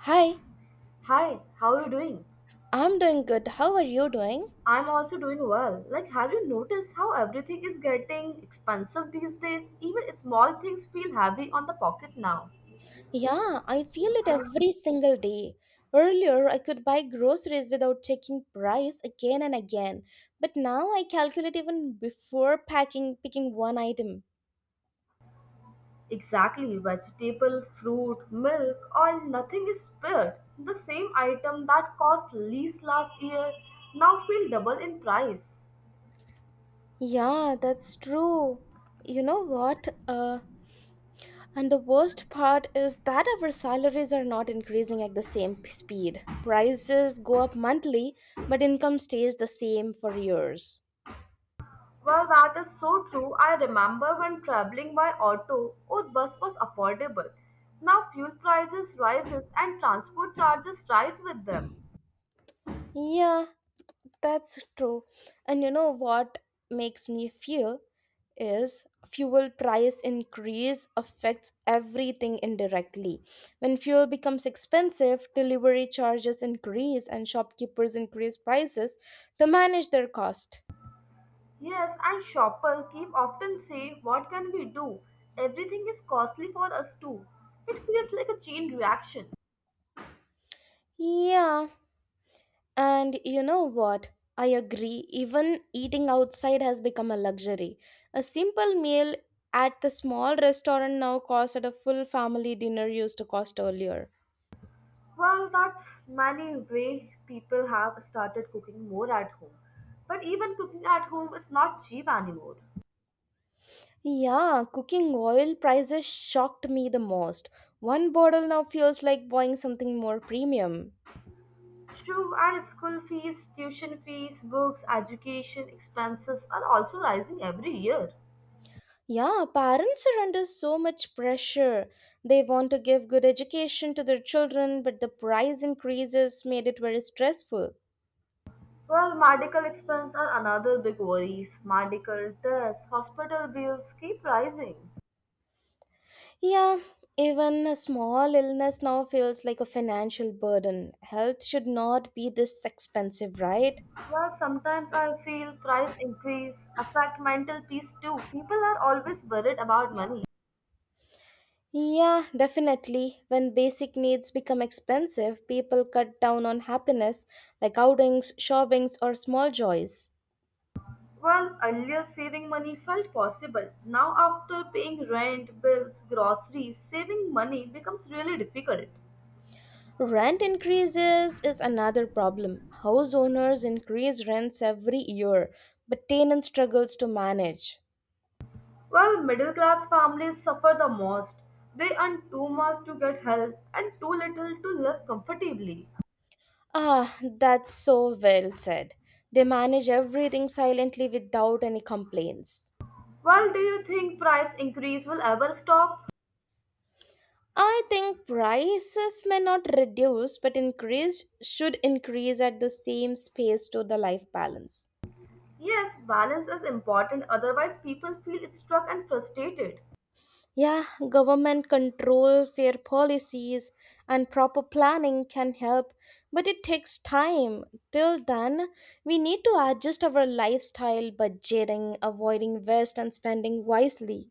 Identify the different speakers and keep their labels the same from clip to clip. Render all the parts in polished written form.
Speaker 1: Hi,
Speaker 2: Hi, how are you doing?
Speaker 1: I'm doing good. How are you doing?
Speaker 2: I'm also doing well. Like, have you noticed how everything is getting expensive these days? Even small things feel heavy on the pocket now.
Speaker 1: Yeah, I feel it every single day. Earlier, I could buy groceries without checking price again and again, but now I calculate even before packing picking one item.
Speaker 2: Exactly, vegetable, fruit, milk, oil, nothing is spared. The same item that cost least last year now feel double in price.
Speaker 1: Yeah, that's true. You know what? And the worst part is that our salaries are not increasing at the same speed. Prices go up monthly, but income stays the same for years.
Speaker 2: Well, that is so true. I remember when traveling by auto or bus was affordable. Now fuel prices rises and transport charges rise with them.
Speaker 1: Yeah, that's true. And you know what makes me feel is fuel price increase affects everything indirectly. When fuel becomes expensive, delivery charges increase and shopkeepers increase prices to manage their cost.
Speaker 2: Yes, and shoppers keep often say, what can we do? Everything is costly for us too. It feels like a chain reaction.
Speaker 1: Yeah, and you know what? I agree. Even eating outside has become a luxury. A simple meal at the small restaurant now costs at a full family dinner used to cost earlier.
Speaker 2: Well, that's many way people have started cooking more at home. But even cooking at home is not cheap anymore.
Speaker 1: Yeah, cooking oil prices shocked me the most. One bottle now feels like buying something more premium.
Speaker 2: True, and school fees, tuition fees, books, education expenses are also rising every year.
Speaker 1: Yeah, parents are under so much pressure. They want to give good education to their children, but the price increases made it very stressful.
Speaker 2: Well, medical expenses are another big worries. Medical tests, hospital bills keep rising.
Speaker 1: Yeah, even a small illness now feels like a financial burden. Health should not be this expensive, right?
Speaker 2: Well, sometimes I feel price increase affect mental peace too. People are always worried about money.
Speaker 1: Yeah, definitely. When basic needs become expensive, people cut down on happiness like outings, shoppings, or small joys.
Speaker 2: Well, earlier saving money felt possible. Now after paying rent, bills, groceries, saving money becomes really difficult.
Speaker 1: Rent increases is another problem. House owners increase rents every year, but tenant struggles to manage.
Speaker 2: Well, middle class families suffer the most. They earn too much to get help and too little to live comfortably.
Speaker 1: Ah, that's so well said. They manage everything silently without any complaints.
Speaker 2: Well, do you think price increase will ever stop?
Speaker 1: I think prices may not reduce but increase should increase at the same space to the life balance.
Speaker 2: Yes, balance is important otherwise people feel stuck and frustrated.
Speaker 1: Yeah, government control, fair policies, and proper planning can help, but it takes time. Till then, we need to adjust our lifestyle, budgeting, avoiding waste, and spending wisely.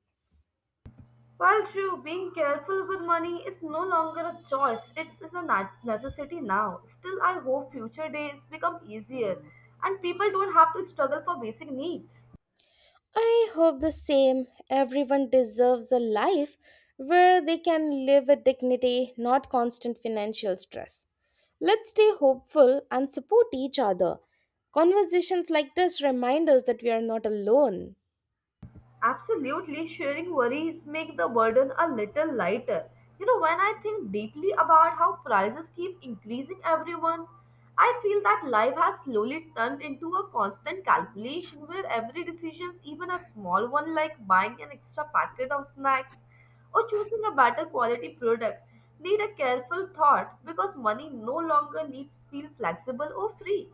Speaker 2: Well, true, being careful with money is no longer a choice, it is a necessity now. Still, I hope future days become easier and people don't have to struggle for basic needs.
Speaker 1: I hope the same. Everyone deserves a life where they can live with dignity, not constant financial stress. Let's stay hopeful and support each other. Conversations like this remind us that we are not alone.
Speaker 2: Absolutely, sharing worries make the burden a little lighter. You know, when I think deeply about how prices keep increasing every month, I feel that life has slowly turned into a constant calculation where every decision, even a small one like buying an extra packet of snacks or choosing a better quality product, need a careful thought because money no longer needs to feel flexible or free.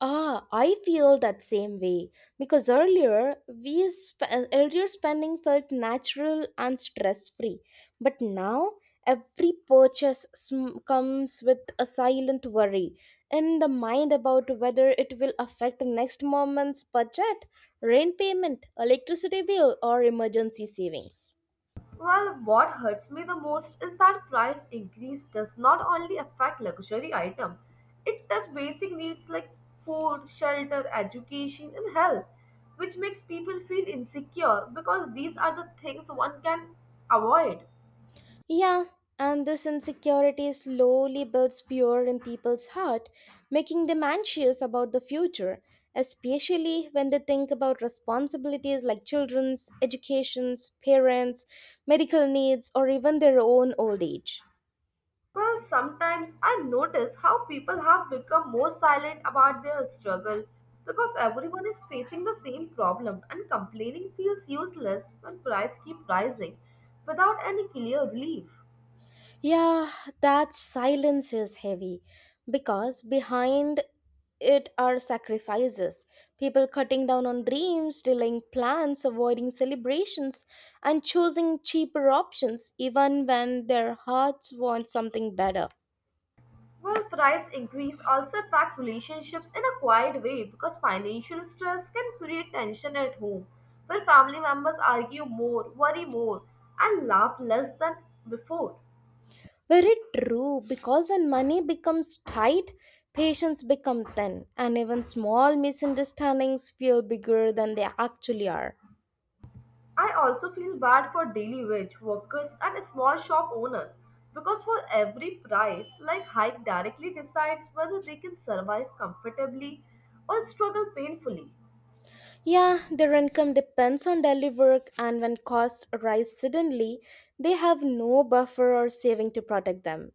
Speaker 1: Ah, I feel that same way because earlier spending felt natural and stress free, but now every purchase comes with a silent worry in the mind about whether it will affect next moment's budget, rent payment, electricity bill, or emergency savings.
Speaker 2: Well, what hurts me the most is that price increase does not only affect luxury item, it does basic needs like food, shelter, education and health, which makes people feel insecure because these are the things one can avoid.
Speaker 1: Yeah, and this insecurity slowly builds fear in people's heart, making them anxious about the future, especially when they think about responsibilities like children's, educations, parents, medical needs, or even their own old age.
Speaker 2: Well, sometimes I notice how people have become more silent about their struggle because everyone is facing the same problem and complaining feels useless when prices keep rising without any clear relief.
Speaker 1: Yeah, that silence is heavy because behind it are sacrifices. People cutting down on dreams, delaying plans, avoiding celebrations, and choosing cheaper options even when their hearts want something better.
Speaker 2: Well, price increase also affect relationships in a quiet way because financial stress can create tension at home, where family members argue more, worry more, and laugh less than before.
Speaker 1: Very true, because when money becomes tight, patience become thin, and even small misunderstandings feel bigger than they actually are.
Speaker 2: I also feel bad for daily wage workers and small shop owners because for every price, like hike directly decides whether they can survive comfortably or struggle painfully.
Speaker 1: Yeah, their income depends on daily work, and when costs rise suddenly, they have no buffer or saving to protect them.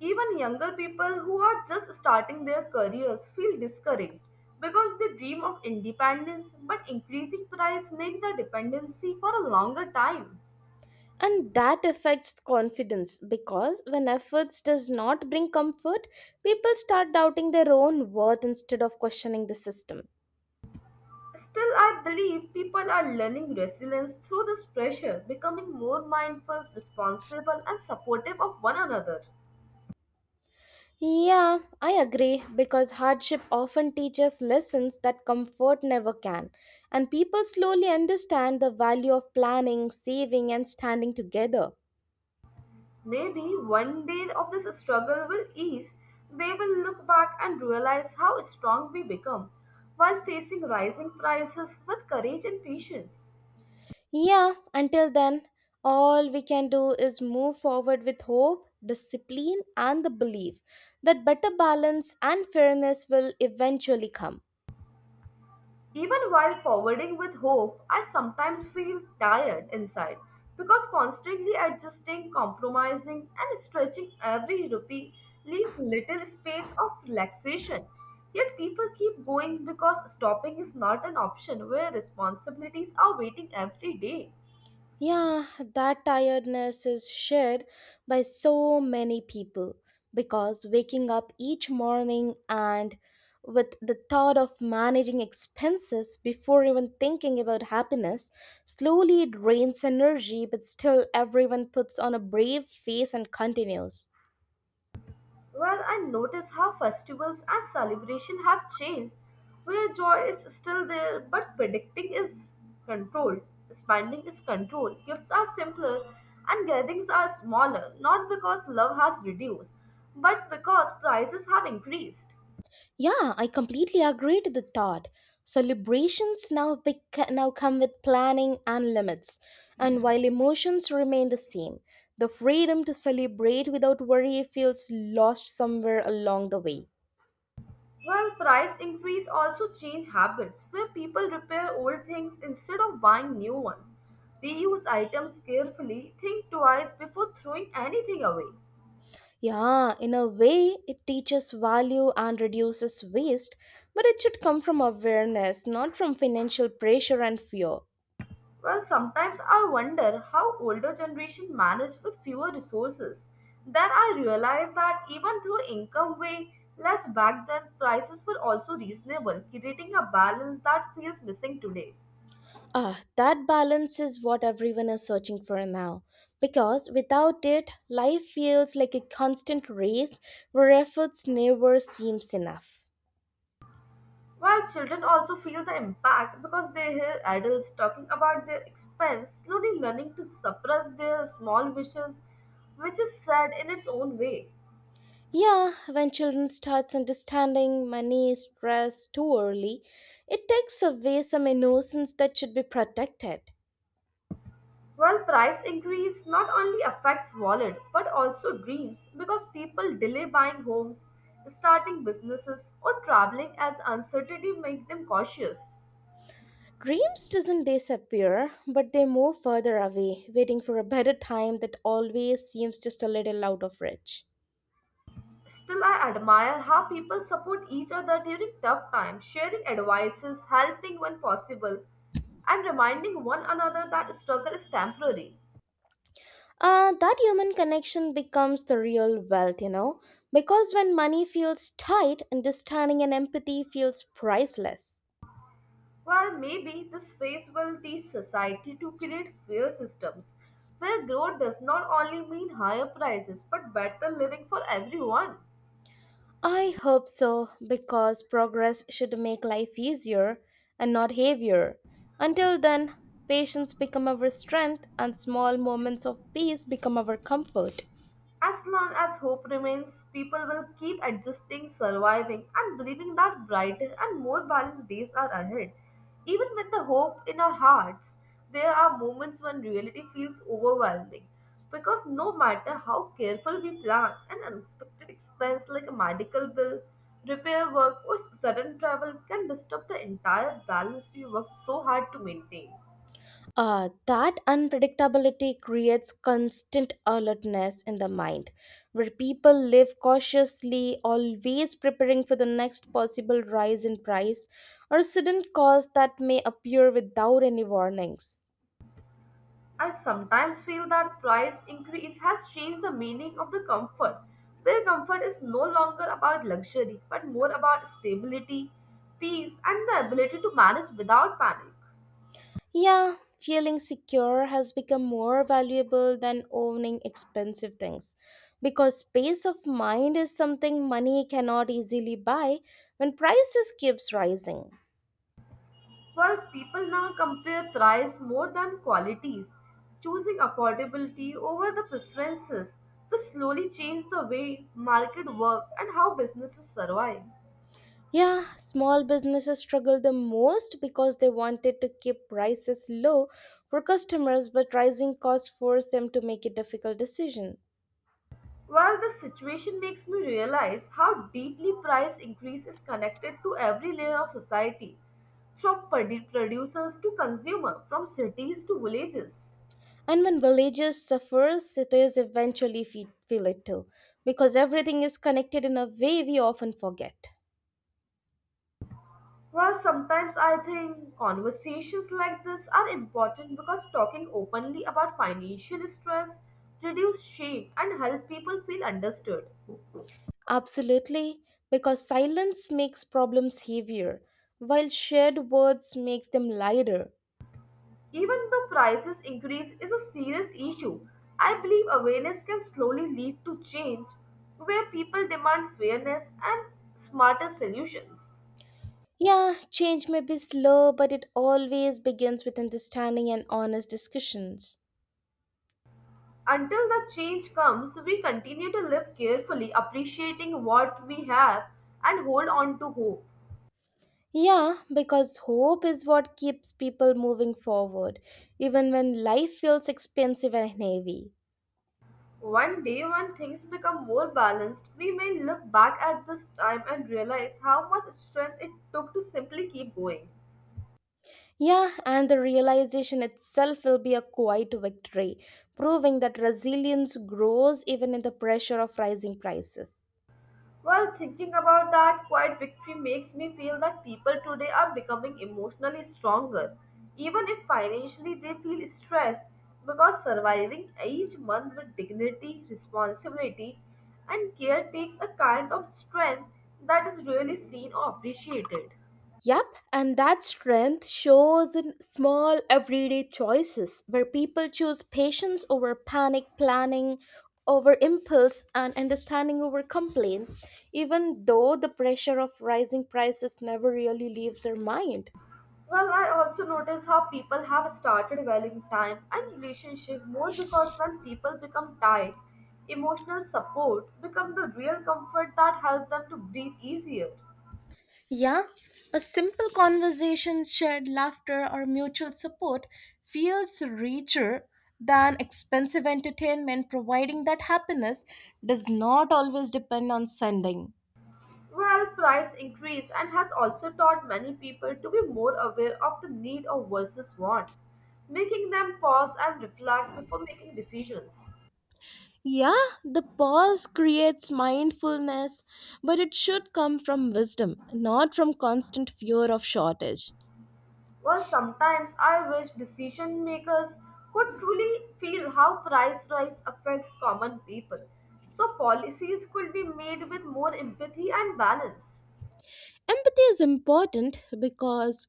Speaker 2: Even younger people who are just starting their careers feel discouraged because they dream of independence, but increasing price make the dependency for a longer time.
Speaker 1: And that affects confidence because when efforts does not bring comfort, people start doubting their own worth instead of questioning the system.
Speaker 2: Still, I believe people are learning resilience through this pressure, becoming more mindful, responsible, and supportive of one another.
Speaker 1: Yeah, I agree because hardship often teaches lessons that comfort never can, and people slowly understand the value of planning, saving, and standing together.
Speaker 2: Maybe one day of this struggle will ease, they will look back and realize how strong we become while facing rising prices with courage and patience.
Speaker 1: Yeah, until then, all we can do is move forward with hope, discipline, and the belief that better balance and fairness will eventually come.
Speaker 2: Even while forwarding with hope, I sometimes feel tired inside because constantly adjusting, compromising, and stretching every rupee leaves little space of relaxation. Yet people keep going because stopping is not an option where responsibilities are waiting every day.
Speaker 1: Yeah, that tiredness is shared by so many people because waking up each morning and with the thought of managing expenses before even thinking about happiness slowly drains energy, but still everyone puts on a brave face and continues.
Speaker 2: Well, I notice how festivals and celebration have changed, where joy is still there, but predicting is controlled. Spending is controlled. Gifts are simpler, and gatherings are smaller. Not because love has reduced, but because prices have increased.
Speaker 1: Yeah, I completely agree to the thought. Celebrations now now come with planning and limits, and while emotions remain the same, the freedom to celebrate without worry feels lost somewhere along the way.
Speaker 2: Well, price increase also change habits, where people repair old things instead of buying new ones. Reuse items carefully. Think twice before throwing anything away.
Speaker 1: Yeah, in a way, it teaches value and reduces waste, but it should come from awareness, not from financial pressure and fear.
Speaker 2: Well, sometimes I wonder how older generation manage with fewer resources. Then I realize that even though income way less back then, prices were also reasonable, creating a balance that feels missing today.
Speaker 1: Ah, that balance is what everyone is searching for now. Because without it, life feels like a constant race where efforts never seems enough.
Speaker 2: While children also feel the impact because they hear adults talking about their expense, slowly learning to suppress their small wishes, which is sad in its own way.
Speaker 1: Yeah, when children starts understanding money, stress too early, it takes away some innocence that should be protected.
Speaker 2: Well, price increase not only affects wallet but also dreams because people delay buying homes, starting businesses, or traveling as uncertainty make them cautious.
Speaker 1: Dreams doesn't disappear, but they move further away, waiting for a better time that always seems just a little out of reach.
Speaker 2: Still, I admire how people support each other during tough times, sharing advices, helping when possible, and reminding one another that struggle is temporary.
Speaker 1: That human connection becomes the real wealth, because when money feels tight, understanding and empathy feels priceless.
Speaker 2: Well, maybe this phase will teach society to create fair systems where growth does not only mean higher prices but better living for everyone.
Speaker 1: I hope so, because progress should make life easier and not heavier. Until then, patience become our strength and small moments of peace become our comfort.
Speaker 2: As long as hope remains, people will keep adjusting, surviving, and believing that brighter and more balanced days are ahead. Even with the hope in our hearts, there are moments when reality feels overwhelming. Because no matter how careful we plan, an unexpected expense like a medical bill, repair work, or sudden travel can disturb the entire balance we worked so hard to maintain.
Speaker 1: That unpredictability creates constant alertness in the mind, where people live cautiously, always preparing for the next possible rise in price or sudden cost that may appear without any warnings.
Speaker 2: I sometimes feel that price increase has changed the meaning of the comfort, where comfort is no longer about luxury but more about stability, peace, and the ability to manage without panic.
Speaker 1: Yeah, feeling secure has become more valuable than owning expensive things because peace of mind is something money cannot easily buy when prices keeps rising.
Speaker 2: While people now compare price more than qualities, choosing affordability over the preferences, which slowly change the way market work and how businesses survive.
Speaker 1: Yeah, small businesses struggle the most because they wanted to keep prices low for customers, but rising costs forced them to make a difficult decision.
Speaker 2: Well, this situation makes me realize how deeply price increase is connected to every layer of society, from producers to consumer, from cities to villages.
Speaker 1: And when villages suffer, cities eventually feel it too, because everything is connected in a way we often forget.
Speaker 2: Well, sometimes I think conversations like this are important because talking openly about financial stress reduce shame and help people feel understood.
Speaker 1: Absolutely, because silence makes problems heavier, while shared words makes them lighter.
Speaker 2: Even the prices increase is a serious issue. I believe awareness can slowly lead to change where people demand fairness and smarter solutions.
Speaker 1: Yeah, change may be slow, but it always begins with understanding and honest discussions.
Speaker 2: Until the change comes, we continue to live carefully, appreciating what we have and hold on to hope.
Speaker 1: Yeah, because hope is what keeps people moving forward, even when life feels expensive and heavy.
Speaker 2: One day, when things become more balanced, we may look back at this time and realize how much strength it took to simply keep going.
Speaker 1: Yeah, and the realization itself will be a quiet victory, proving that resilience grows even in the pressure of rising prices.
Speaker 2: Well, thinking about that quiet victory makes me feel that people today are becoming emotionally stronger, even if financially they feel stressed, because surviving each month with dignity, responsibility, and care takes a kind of strength that is really seen or appreciated.
Speaker 1: Yep, and that strength shows in small everyday choices where people choose patience over panic planning, over impulse, and understanding over complaints, even though the pressure of rising prices never really leaves their mind.
Speaker 2: Well, I also notice how people have started valuing time and relationship more because when people become tight, emotional support become the real comfort that help them to breathe easier.
Speaker 1: Yeah, a simple conversation, shared laughter, or mutual support feels richer than expensive entertainment, providing that happiness does not always depend on sending.
Speaker 2: Well, price increase and has also taught many people to be more aware of the need of versus wants, making them pause and reflect before making decisions.
Speaker 1: Yeah, the pause creates mindfulness, but it should come from wisdom, not from constant fear of shortage.
Speaker 2: Well, sometimes I wish decision makers could truly feel how price rise affects common people, so policies could be made with more empathy and balance.
Speaker 1: Empathy is important because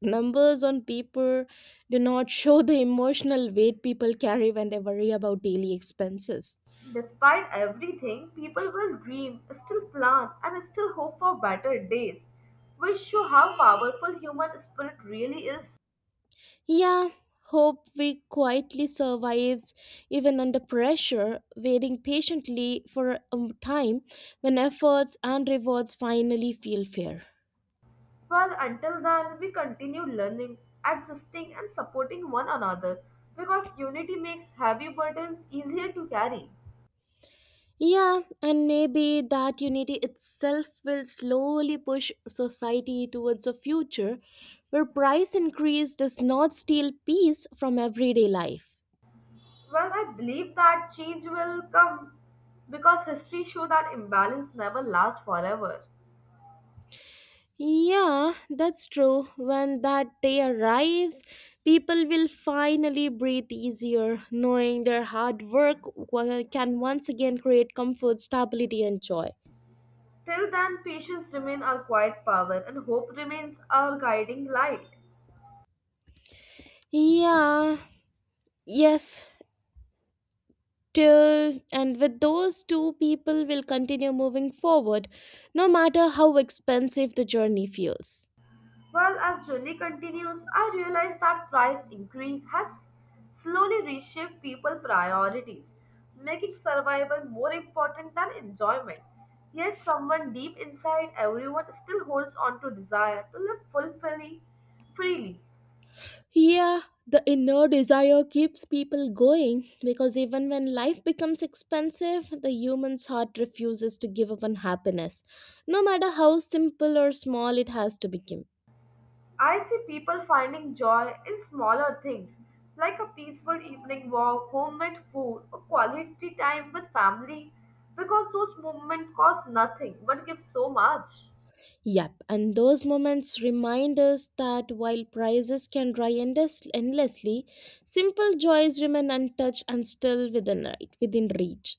Speaker 1: numbers on paper do not show the emotional weight people carry when they worry about daily expenses.
Speaker 2: Despite everything, people will dream, still plan, and still hope for better days, which show how powerful human spirit really is.
Speaker 1: Yeah, hope we quietly survives even under pressure, waiting patiently for a time when efforts and rewards finally feel fair.
Speaker 2: Well, until then, we continue learning, adjusting, and supporting one another because unity makes heavy burdens easier to carry.
Speaker 1: Yeah, and maybe that unity itself will slowly push society towards a future where price increase does not steal peace from everyday life.
Speaker 2: Well, I believe that change will come because history shows that imbalance never lasts forever.
Speaker 1: Yeah, that's true. When that day arrives, people will finally breathe easier, knowing their hard work can once again create comfort, stability, and joy.
Speaker 2: Till then, patience remains our quiet power and hope remains our guiding light.
Speaker 1: Yeah, yes, till and with those two people will continue moving forward no matter how expensive the journey feels
Speaker 2: Well, as journey continues, I realize that price increase has slowly reshaped people priorities, making survival more important than enjoyment. Yet someone deep inside everyone still holds on to desire to live fulfilling freely.
Speaker 1: yeah the inner desire keeps people going because even when life becomes expensive the human's heart refuses to give up on happiness no matter how simple or small it has to become.
Speaker 2: I see people finding joy in smaller things like a peaceful evening walk, homemade food, or quality time with family because those moments cost nothing but give so much.
Speaker 1: Yep, and those moments remind us that while prizes can dry endlessly, simple joys remain untouched and still within right, within reach.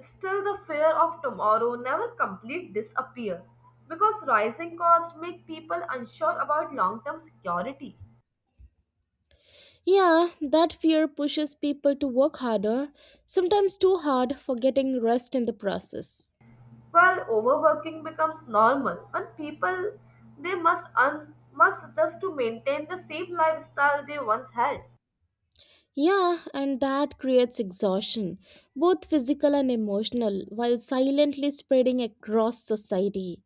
Speaker 2: Still, the fear of tomorrow never completely disappears because rising costs make people unsure about long term security.
Speaker 1: Yeah, that fear pushes people to work harder, sometimes too hard, forgetting rest in the process.
Speaker 2: While overworking becomes normal when people they must must just to maintain the same lifestyle they once had.
Speaker 1: Yeah, and that creates exhaustion, both physical and emotional, while silently spreading across society.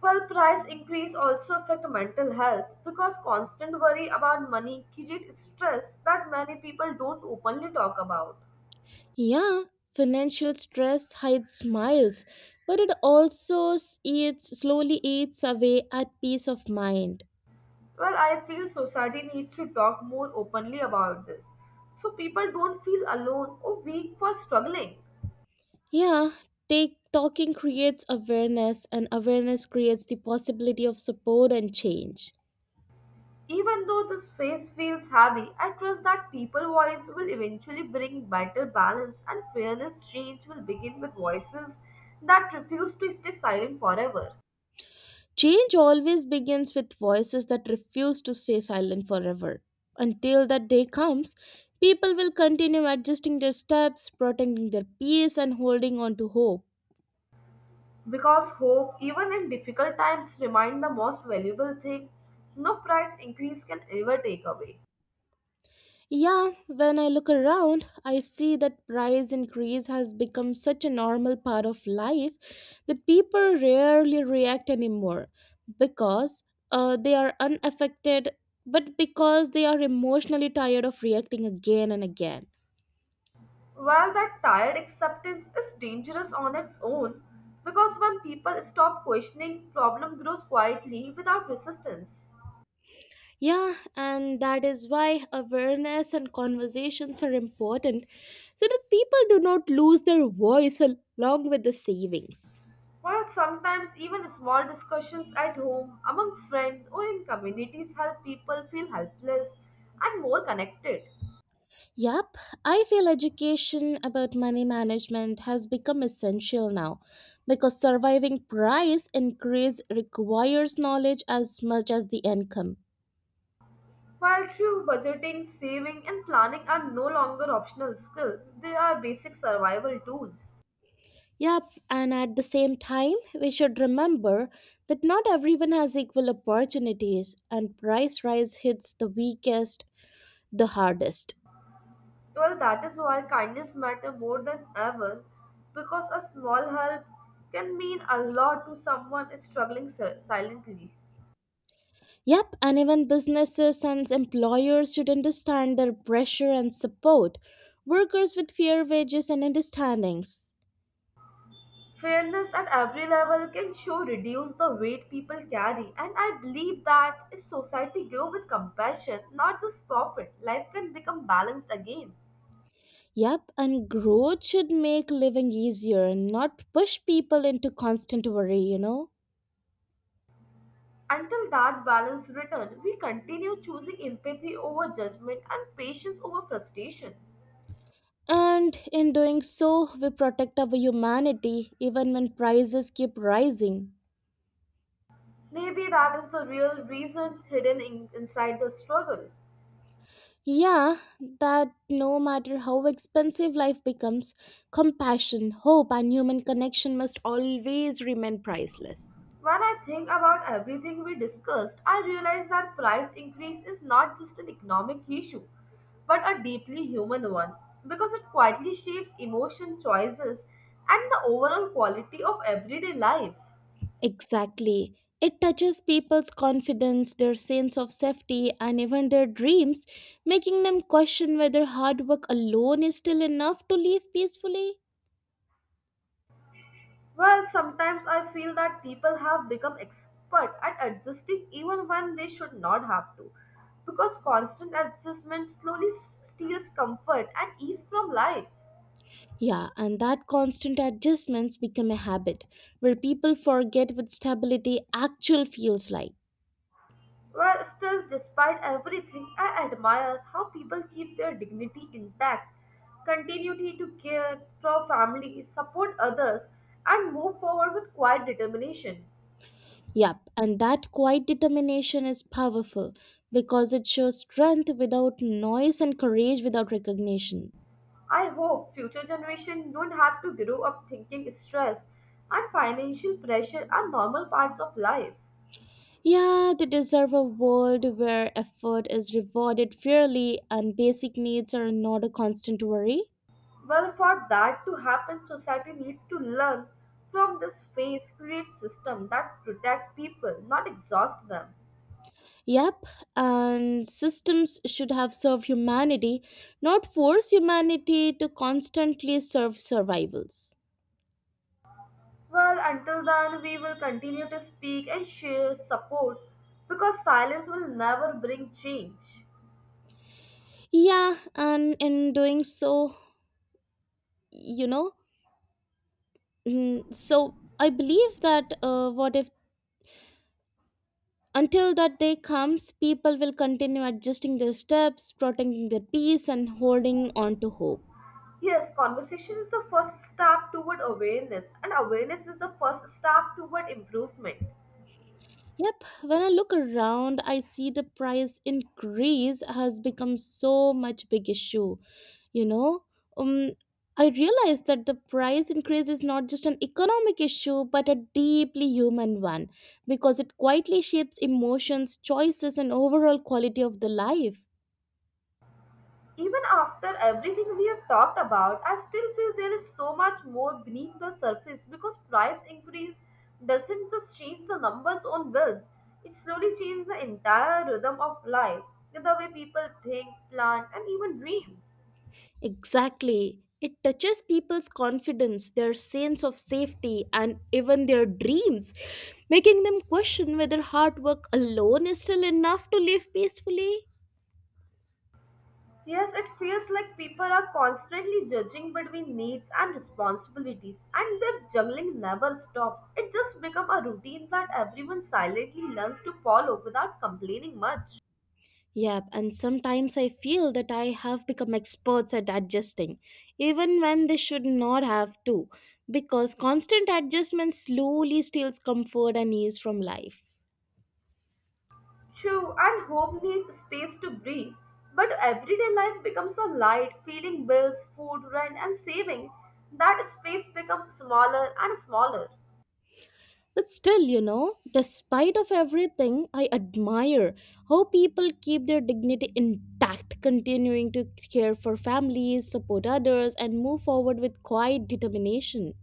Speaker 2: Well, price increase also affect mental health because constant worry about money creates stress that many people don't openly talk about.
Speaker 1: Yeah, financial stress hides smiles, but it also eats slowly eats away at peace of mind.
Speaker 2: Well, I feel society needs to talk more openly about this so people don't feel alone or weak for struggling.
Speaker 1: Yeah, take talking creates awareness and awareness creates the possibility of support and change.
Speaker 2: Even though this phase feels heavy, I trust that people voice will eventually bring better balance and fairness change will begin with voices that refuse to stay silent forever.
Speaker 1: Change always begins with voices that refuse to stay silent forever. Until that day comes, people will continue adjusting their steps, protecting their peace, and holding on to hope.
Speaker 2: Because hope, even in difficult times, remains the most valuable thing no price increase can ever take away.
Speaker 1: Yeah, when I look around, I see that price increase has become such a normal part of life that people rarely react anymore because they are unaffected, but because they are emotionally tired of reacting again and again.
Speaker 2: While that tired acceptance is dangerous on its own, because when people stop questioning, problem grows quietly without resistance.
Speaker 1: Yeah, and that is why awareness and conversations are important so that people do not lose their voice along with the savings.
Speaker 2: While sometimes even small discussions at home, among friends, or in communities help people feel helpless and more connected.
Speaker 1: Yep, I feel education about money management has become essential now because surviving price increase requires knowledge as much as the income.
Speaker 2: While true budgeting, saving, and planning are no longer optional skills, they are basic survival tools.
Speaker 1: Yep, and at the same time, we should remember that not everyone has equal opportunities and price rise hits the weakest the hardest.
Speaker 2: Well, that is why kindness matter more than ever, because a small help can mean a lot to someone struggling silently.
Speaker 1: Yep, and even businesses and employers should understand their pressure and support workers with fair wages and understandings.
Speaker 2: Fairness at every level can show reduce the weight people carry, and I believe that if society grow with compassion, not just profit, life can become balanced again.
Speaker 1: Yep, and growth should make living easier and not push people into constant worry.
Speaker 2: Until that balance returns, we continue choosing empathy over judgment and patience over frustration.
Speaker 1: And in doing so, we protect our humanity even when prices keep rising.
Speaker 2: Maybe that is the real reason hidden inside the struggle.
Speaker 1: Yeah, that no matter how expensive life becomes, compassion, hope, and human connection must always remain priceless.
Speaker 2: When I think about everything we discussed, I realize that price increase is not just an economic issue, but a deeply human one because it quietly shapes emotion choices and the overall quality of everyday life.
Speaker 1: Exactly. It touches people's confidence, their sense of safety, and even their dreams, making them question whether hard work alone is still enough to live peacefully.
Speaker 2: Well, sometimes I feel that people have become expert at adjusting even when they should not have to, because constant adjustment slowly steals comfort and ease from life.
Speaker 1: Yeah, and that constant adjustments become a habit where people forget what stability actually feels like.
Speaker 2: Well, still, despite everything, I admire how people keep their dignity intact, continuity to care for family, support others, and move forward with quiet determination.
Speaker 1: Yep, and that quiet determination is powerful because it shows strength without noise and courage without recognition.
Speaker 2: I hope future generations don't have to grow up thinking stress and financial pressure are normal parts of life.
Speaker 1: Yeah, they deserve a world where effort is rewarded fairly and basic needs are not a constant worry.
Speaker 2: Well, for that to happen, society needs to learn from this phase, create system that protect people, not exhaust them.
Speaker 1: Yep, and systems should have served humanity, not force humanity to constantly serve survivals.
Speaker 2: Well, until then, we will continue to speak and share support because silence will never bring change.
Speaker 1: Yeah, and in doing so, you know, I believe that what if until that day comes, people will continue adjusting their steps, protecting their peace, and holding on to hope.
Speaker 2: Yes, conversation is the first step toward awareness, and awareness is the first step toward improvement.
Speaker 1: Yep, when I look around, I see the price increase has become so much big issue, you know? Um I realize that the price increase is not just an economic issue but a deeply human one because it quietly shapes emotions, choices and overall quality of the life.
Speaker 2: Even after everything we have talked about, I still feel there is so much more beneath the surface because price increase doesn't just change the numbers on bills, it slowly changes the entire rhythm of life, the way people think, plan, and even dream.
Speaker 1: Exactly. It touches people's confidence, their sense of safety, and even their dreams, making them question whether hard work alone is still enough to live peacefully.
Speaker 2: Yes, it feels like people are constantly judging between needs and responsibilities, and their juggling never stops. It just becomes a routine that everyone silently learns to follow without complaining much.
Speaker 1: Yep, and sometimes I feel that I have become experts at adjusting, even when they should not have to, because constant adjustment slowly steals comfort and ease from life.
Speaker 2: True, and home needs space to breathe. But everyday life becomes a light, feeding bills, food, rent, and saving. That space becomes smaller and smaller.
Speaker 1: But still, despite of everything, I admire how people keep their dignity intact, continuing to care for families, support others, and move forward with quiet determination.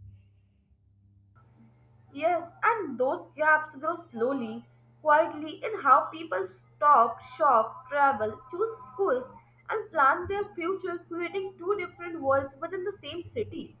Speaker 2: Yes, and those gaps grow slowly, quietly in how people stop, shop, travel, choose schools, and plan their future, creating two different worlds within the same city.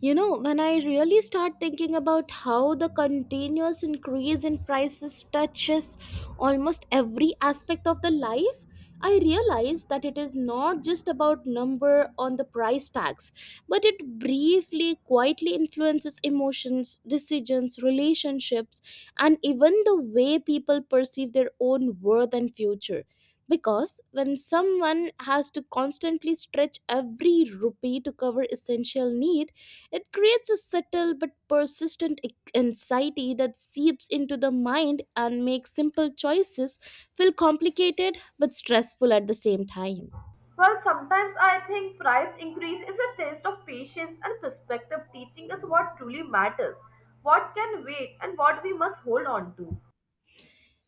Speaker 1: You know, when I really start thinking about how the continuous increase in prices touches almost every aspect of the life, I realize that it is not just about number on the price tags, but it briefly, quietly influences emotions, decisions, relationships, and even the way people perceive their own worth and future because when someone has to constantly stretch every rupee to cover essential need, it creates a subtle but persistent anxiety that seeps into the mind and makes simple choices feel complicated but stressful at the same time.
Speaker 2: Well, sometimes I think price increase is a test of patience and perspective, teaching us what truly matters, what can wait, and what we must hold on to.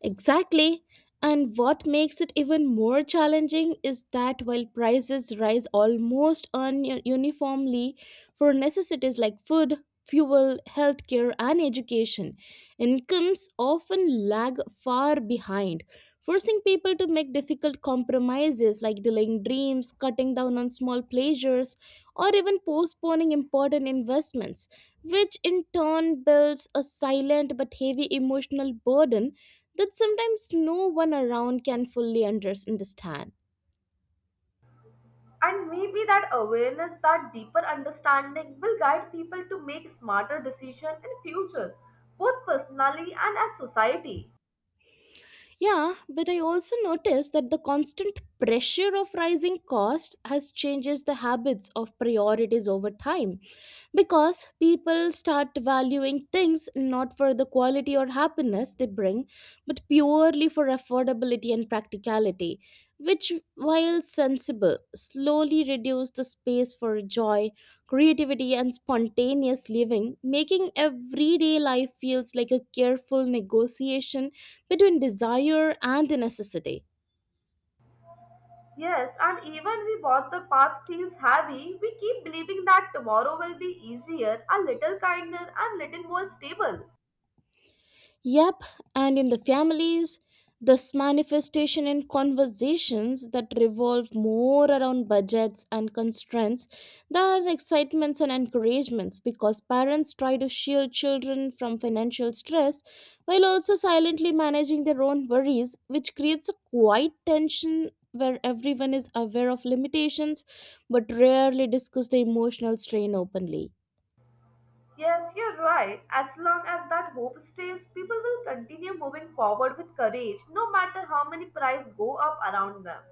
Speaker 1: Exactly. And what makes it even more challenging is that while prices rise almost uniformly for necessities like food, fuel, healthcare, and education, incomes often lag far behind, forcing people to make difficult compromises like delaying dreams, cutting down on small pleasures, or even postponing important investments, which in turn builds a silent but heavy emotional burden that sometimes no one around can fully understand.
Speaker 2: And maybe that awareness, that deeper understanding will guide people to make smarter decisions in future, both personally and as society.
Speaker 1: Yeah, but I also noticed that the constant pressure of rising costs has changes the habits of priorities over time because people start valuing things not for the quality or happiness they bring but purely for affordability and practicality which while sensible slowly reduce the space for joy creativity and spontaneous living making everyday life feels like a careful negotiation between desire and the necessity.
Speaker 2: Yes, and even we both the path feels heavy, we keep believing that tomorrow will be easier, a little kinder, and little more stable.
Speaker 1: Yep, and in the families, this manifestation in conversations that revolve more around budgets and constraints, there are excitements and encouragements because parents try to shield children from financial stress while also silently managing their own worries, which creates a quiet tension where everyone is aware of limitations but rarely discuss the emotional strain openly.
Speaker 2: Yes, you're right. As long as that hope stays, people will continue moving forward with courage, no matter how many prices go up around them.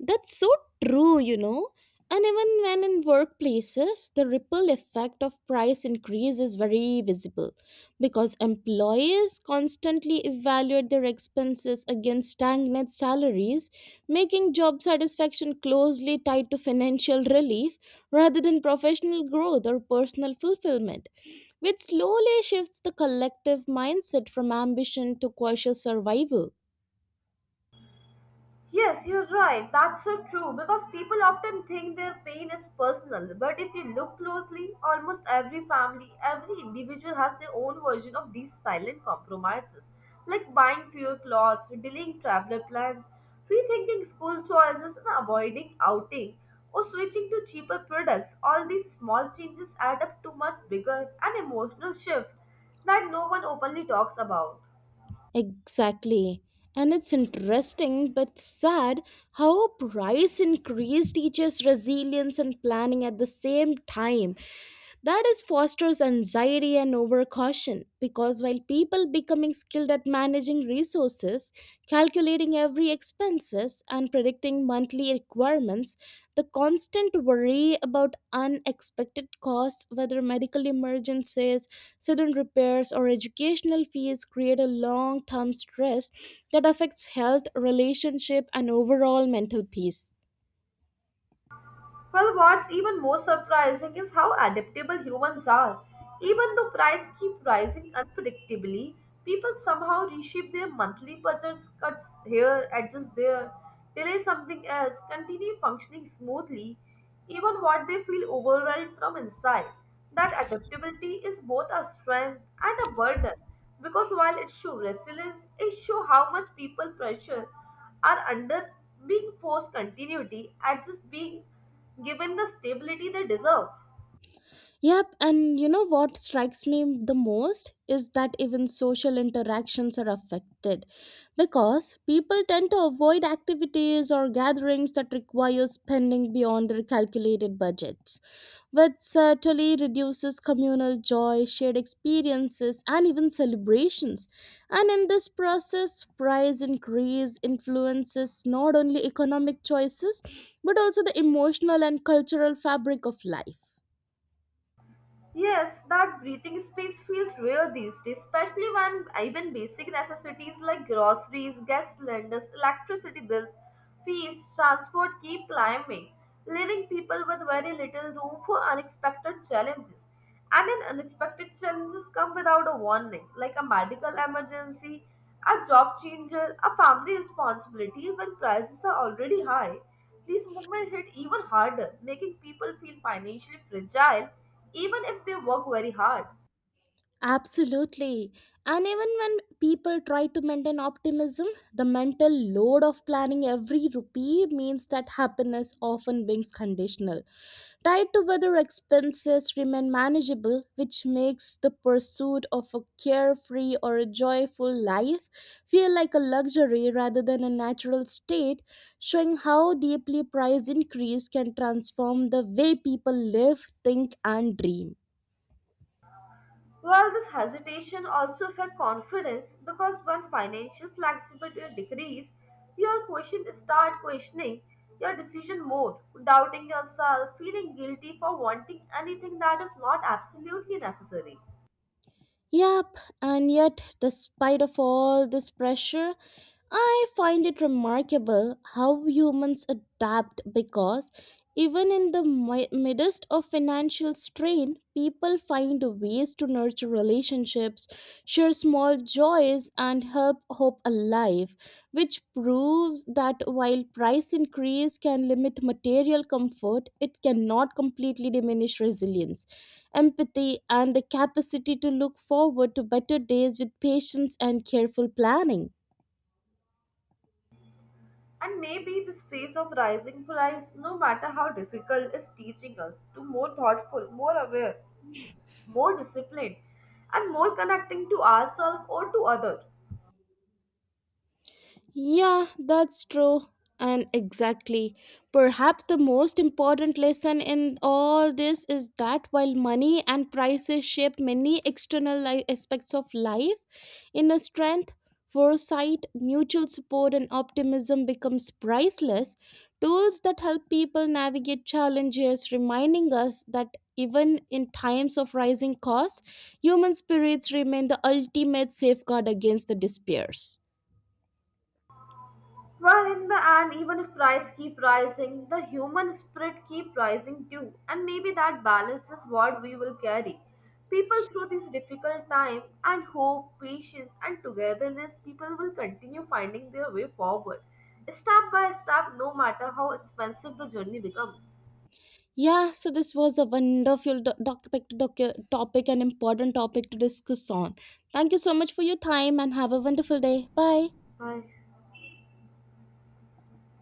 Speaker 1: That's so true, you know. And even when in workplaces, the ripple effect of price increase is very visible because employers constantly evaluate their expenses against stagnant salaries, making job satisfaction closely tied to financial relief rather than professional growth or personal fulfillment, which slowly shifts the collective mindset from ambition to cautious survival.
Speaker 2: Yes, you're right. That's so true because people often think their pain is personal. But if you look closely, almost every family, every individual has their own version of these silent compromises, like buying fewer clothes, delaying traveler plans, rethinking school choices, and avoiding outing or switching to cheaper products. All these small changes add up to much bigger and emotional shift that no one openly talks about.
Speaker 1: Exactly. And it's interesting but sad how price increase teaches resilience and planning at the same time. That is fosters anxiety and overcaution because while people becoming skilled at managing resources, calculating every expenses and predicting monthly requirements, the constant worry about unexpected costs, whether medical emergencies, sudden repairs, or educational fees, create a long term stress that affects health, relationship, and overall mental peace.
Speaker 2: Well, what's even more surprising is how adaptable humans are. Even though prices keep rising unpredictably, people somehow reshape their monthly budgets, cuts here, adjust there, delay something else, continue functioning smoothly, even what they feel overwhelmed from inside. That adaptability is both a strength and a burden because while it shows resilience, it shows how much people pressure are under being forced continuity adjust being given the stability they deserve.
Speaker 1: Yep, and you know what strikes me the most is that even social interactions are affected because people tend to avoid activities or gatherings that require spending beyond their calculated budgets, which certainly reduces communal joy, shared experiences, and even celebrations. And in this process, price increase influences not only economic choices but also the emotional and cultural fabric of life.
Speaker 2: Yes, that breathing space feels rare these days, especially when even basic necessities like groceries, gas cylinders, electricity bills, fees, transport keep climbing, leaving people with very little room for unexpected challenges. And an unexpected challenges come without a warning, like a medical emergency, a job changer, a family responsibility when prices are already high. These movements hit even harder, making people feel financially fragile even if they work very hard.
Speaker 1: Absolutely. And even when people try to maintain optimism, the mental load of planning every rupee means that happiness often becomes conditional, tied to whether expenses remain manageable, which makes the pursuit of a carefree or a joyful life feel like a luxury rather than a natural state, showing how deeply price increase can transform the way people live, think, and dream.
Speaker 2: Well, this hesitation also affects confidence because when financial flexibility decreases, your question start questioning your decision more, doubting yourself, feeling guilty for wanting anything that is not absolutely necessary.
Speaker 1: Yep, and yet, despite of all this pressure, I find it remarkable how humans adapt because even in the midst of financial strain, people find ways to nurture relationships, share small joys, and help hope alive, which proves that while price increase can limit material comfort, it cannot completely diminish resilience empathy, and the capacity to look forward to better days with patience and careful planning.
Speaker 2: And maybe this phase of rising price, no matter how difficult, is teaching us to more thoughtful, more aware, more disciplined, and more connecting to ourselves or to others.
Speaker 1: Yeah, that's true. And exactly. Perhaps the most important lesson in all this is that while money and prices shape many external aspects of life, inner strength, foresight, mutual support, and optimism becomes priceless tools that help people navigate challenges, reminding us that even in times of rising costs, human spirits remain the ultimate safeguard against the despairs.
Speaker 2: Well, in the end, even if price keep rising, the human spirit keep rising too, and maybe that balance is what we will carry. People through this difficult time and hope, patience, and togetherness, people will continue finding their way forward, step by step, no matter how expensive the journey becomes.
Speaker 1: Yeah, so this was a wonderful topic, an important topic to discuss on. Thank you so much for your time and have a wonderful day. Bye.
Speaker 2: Bye.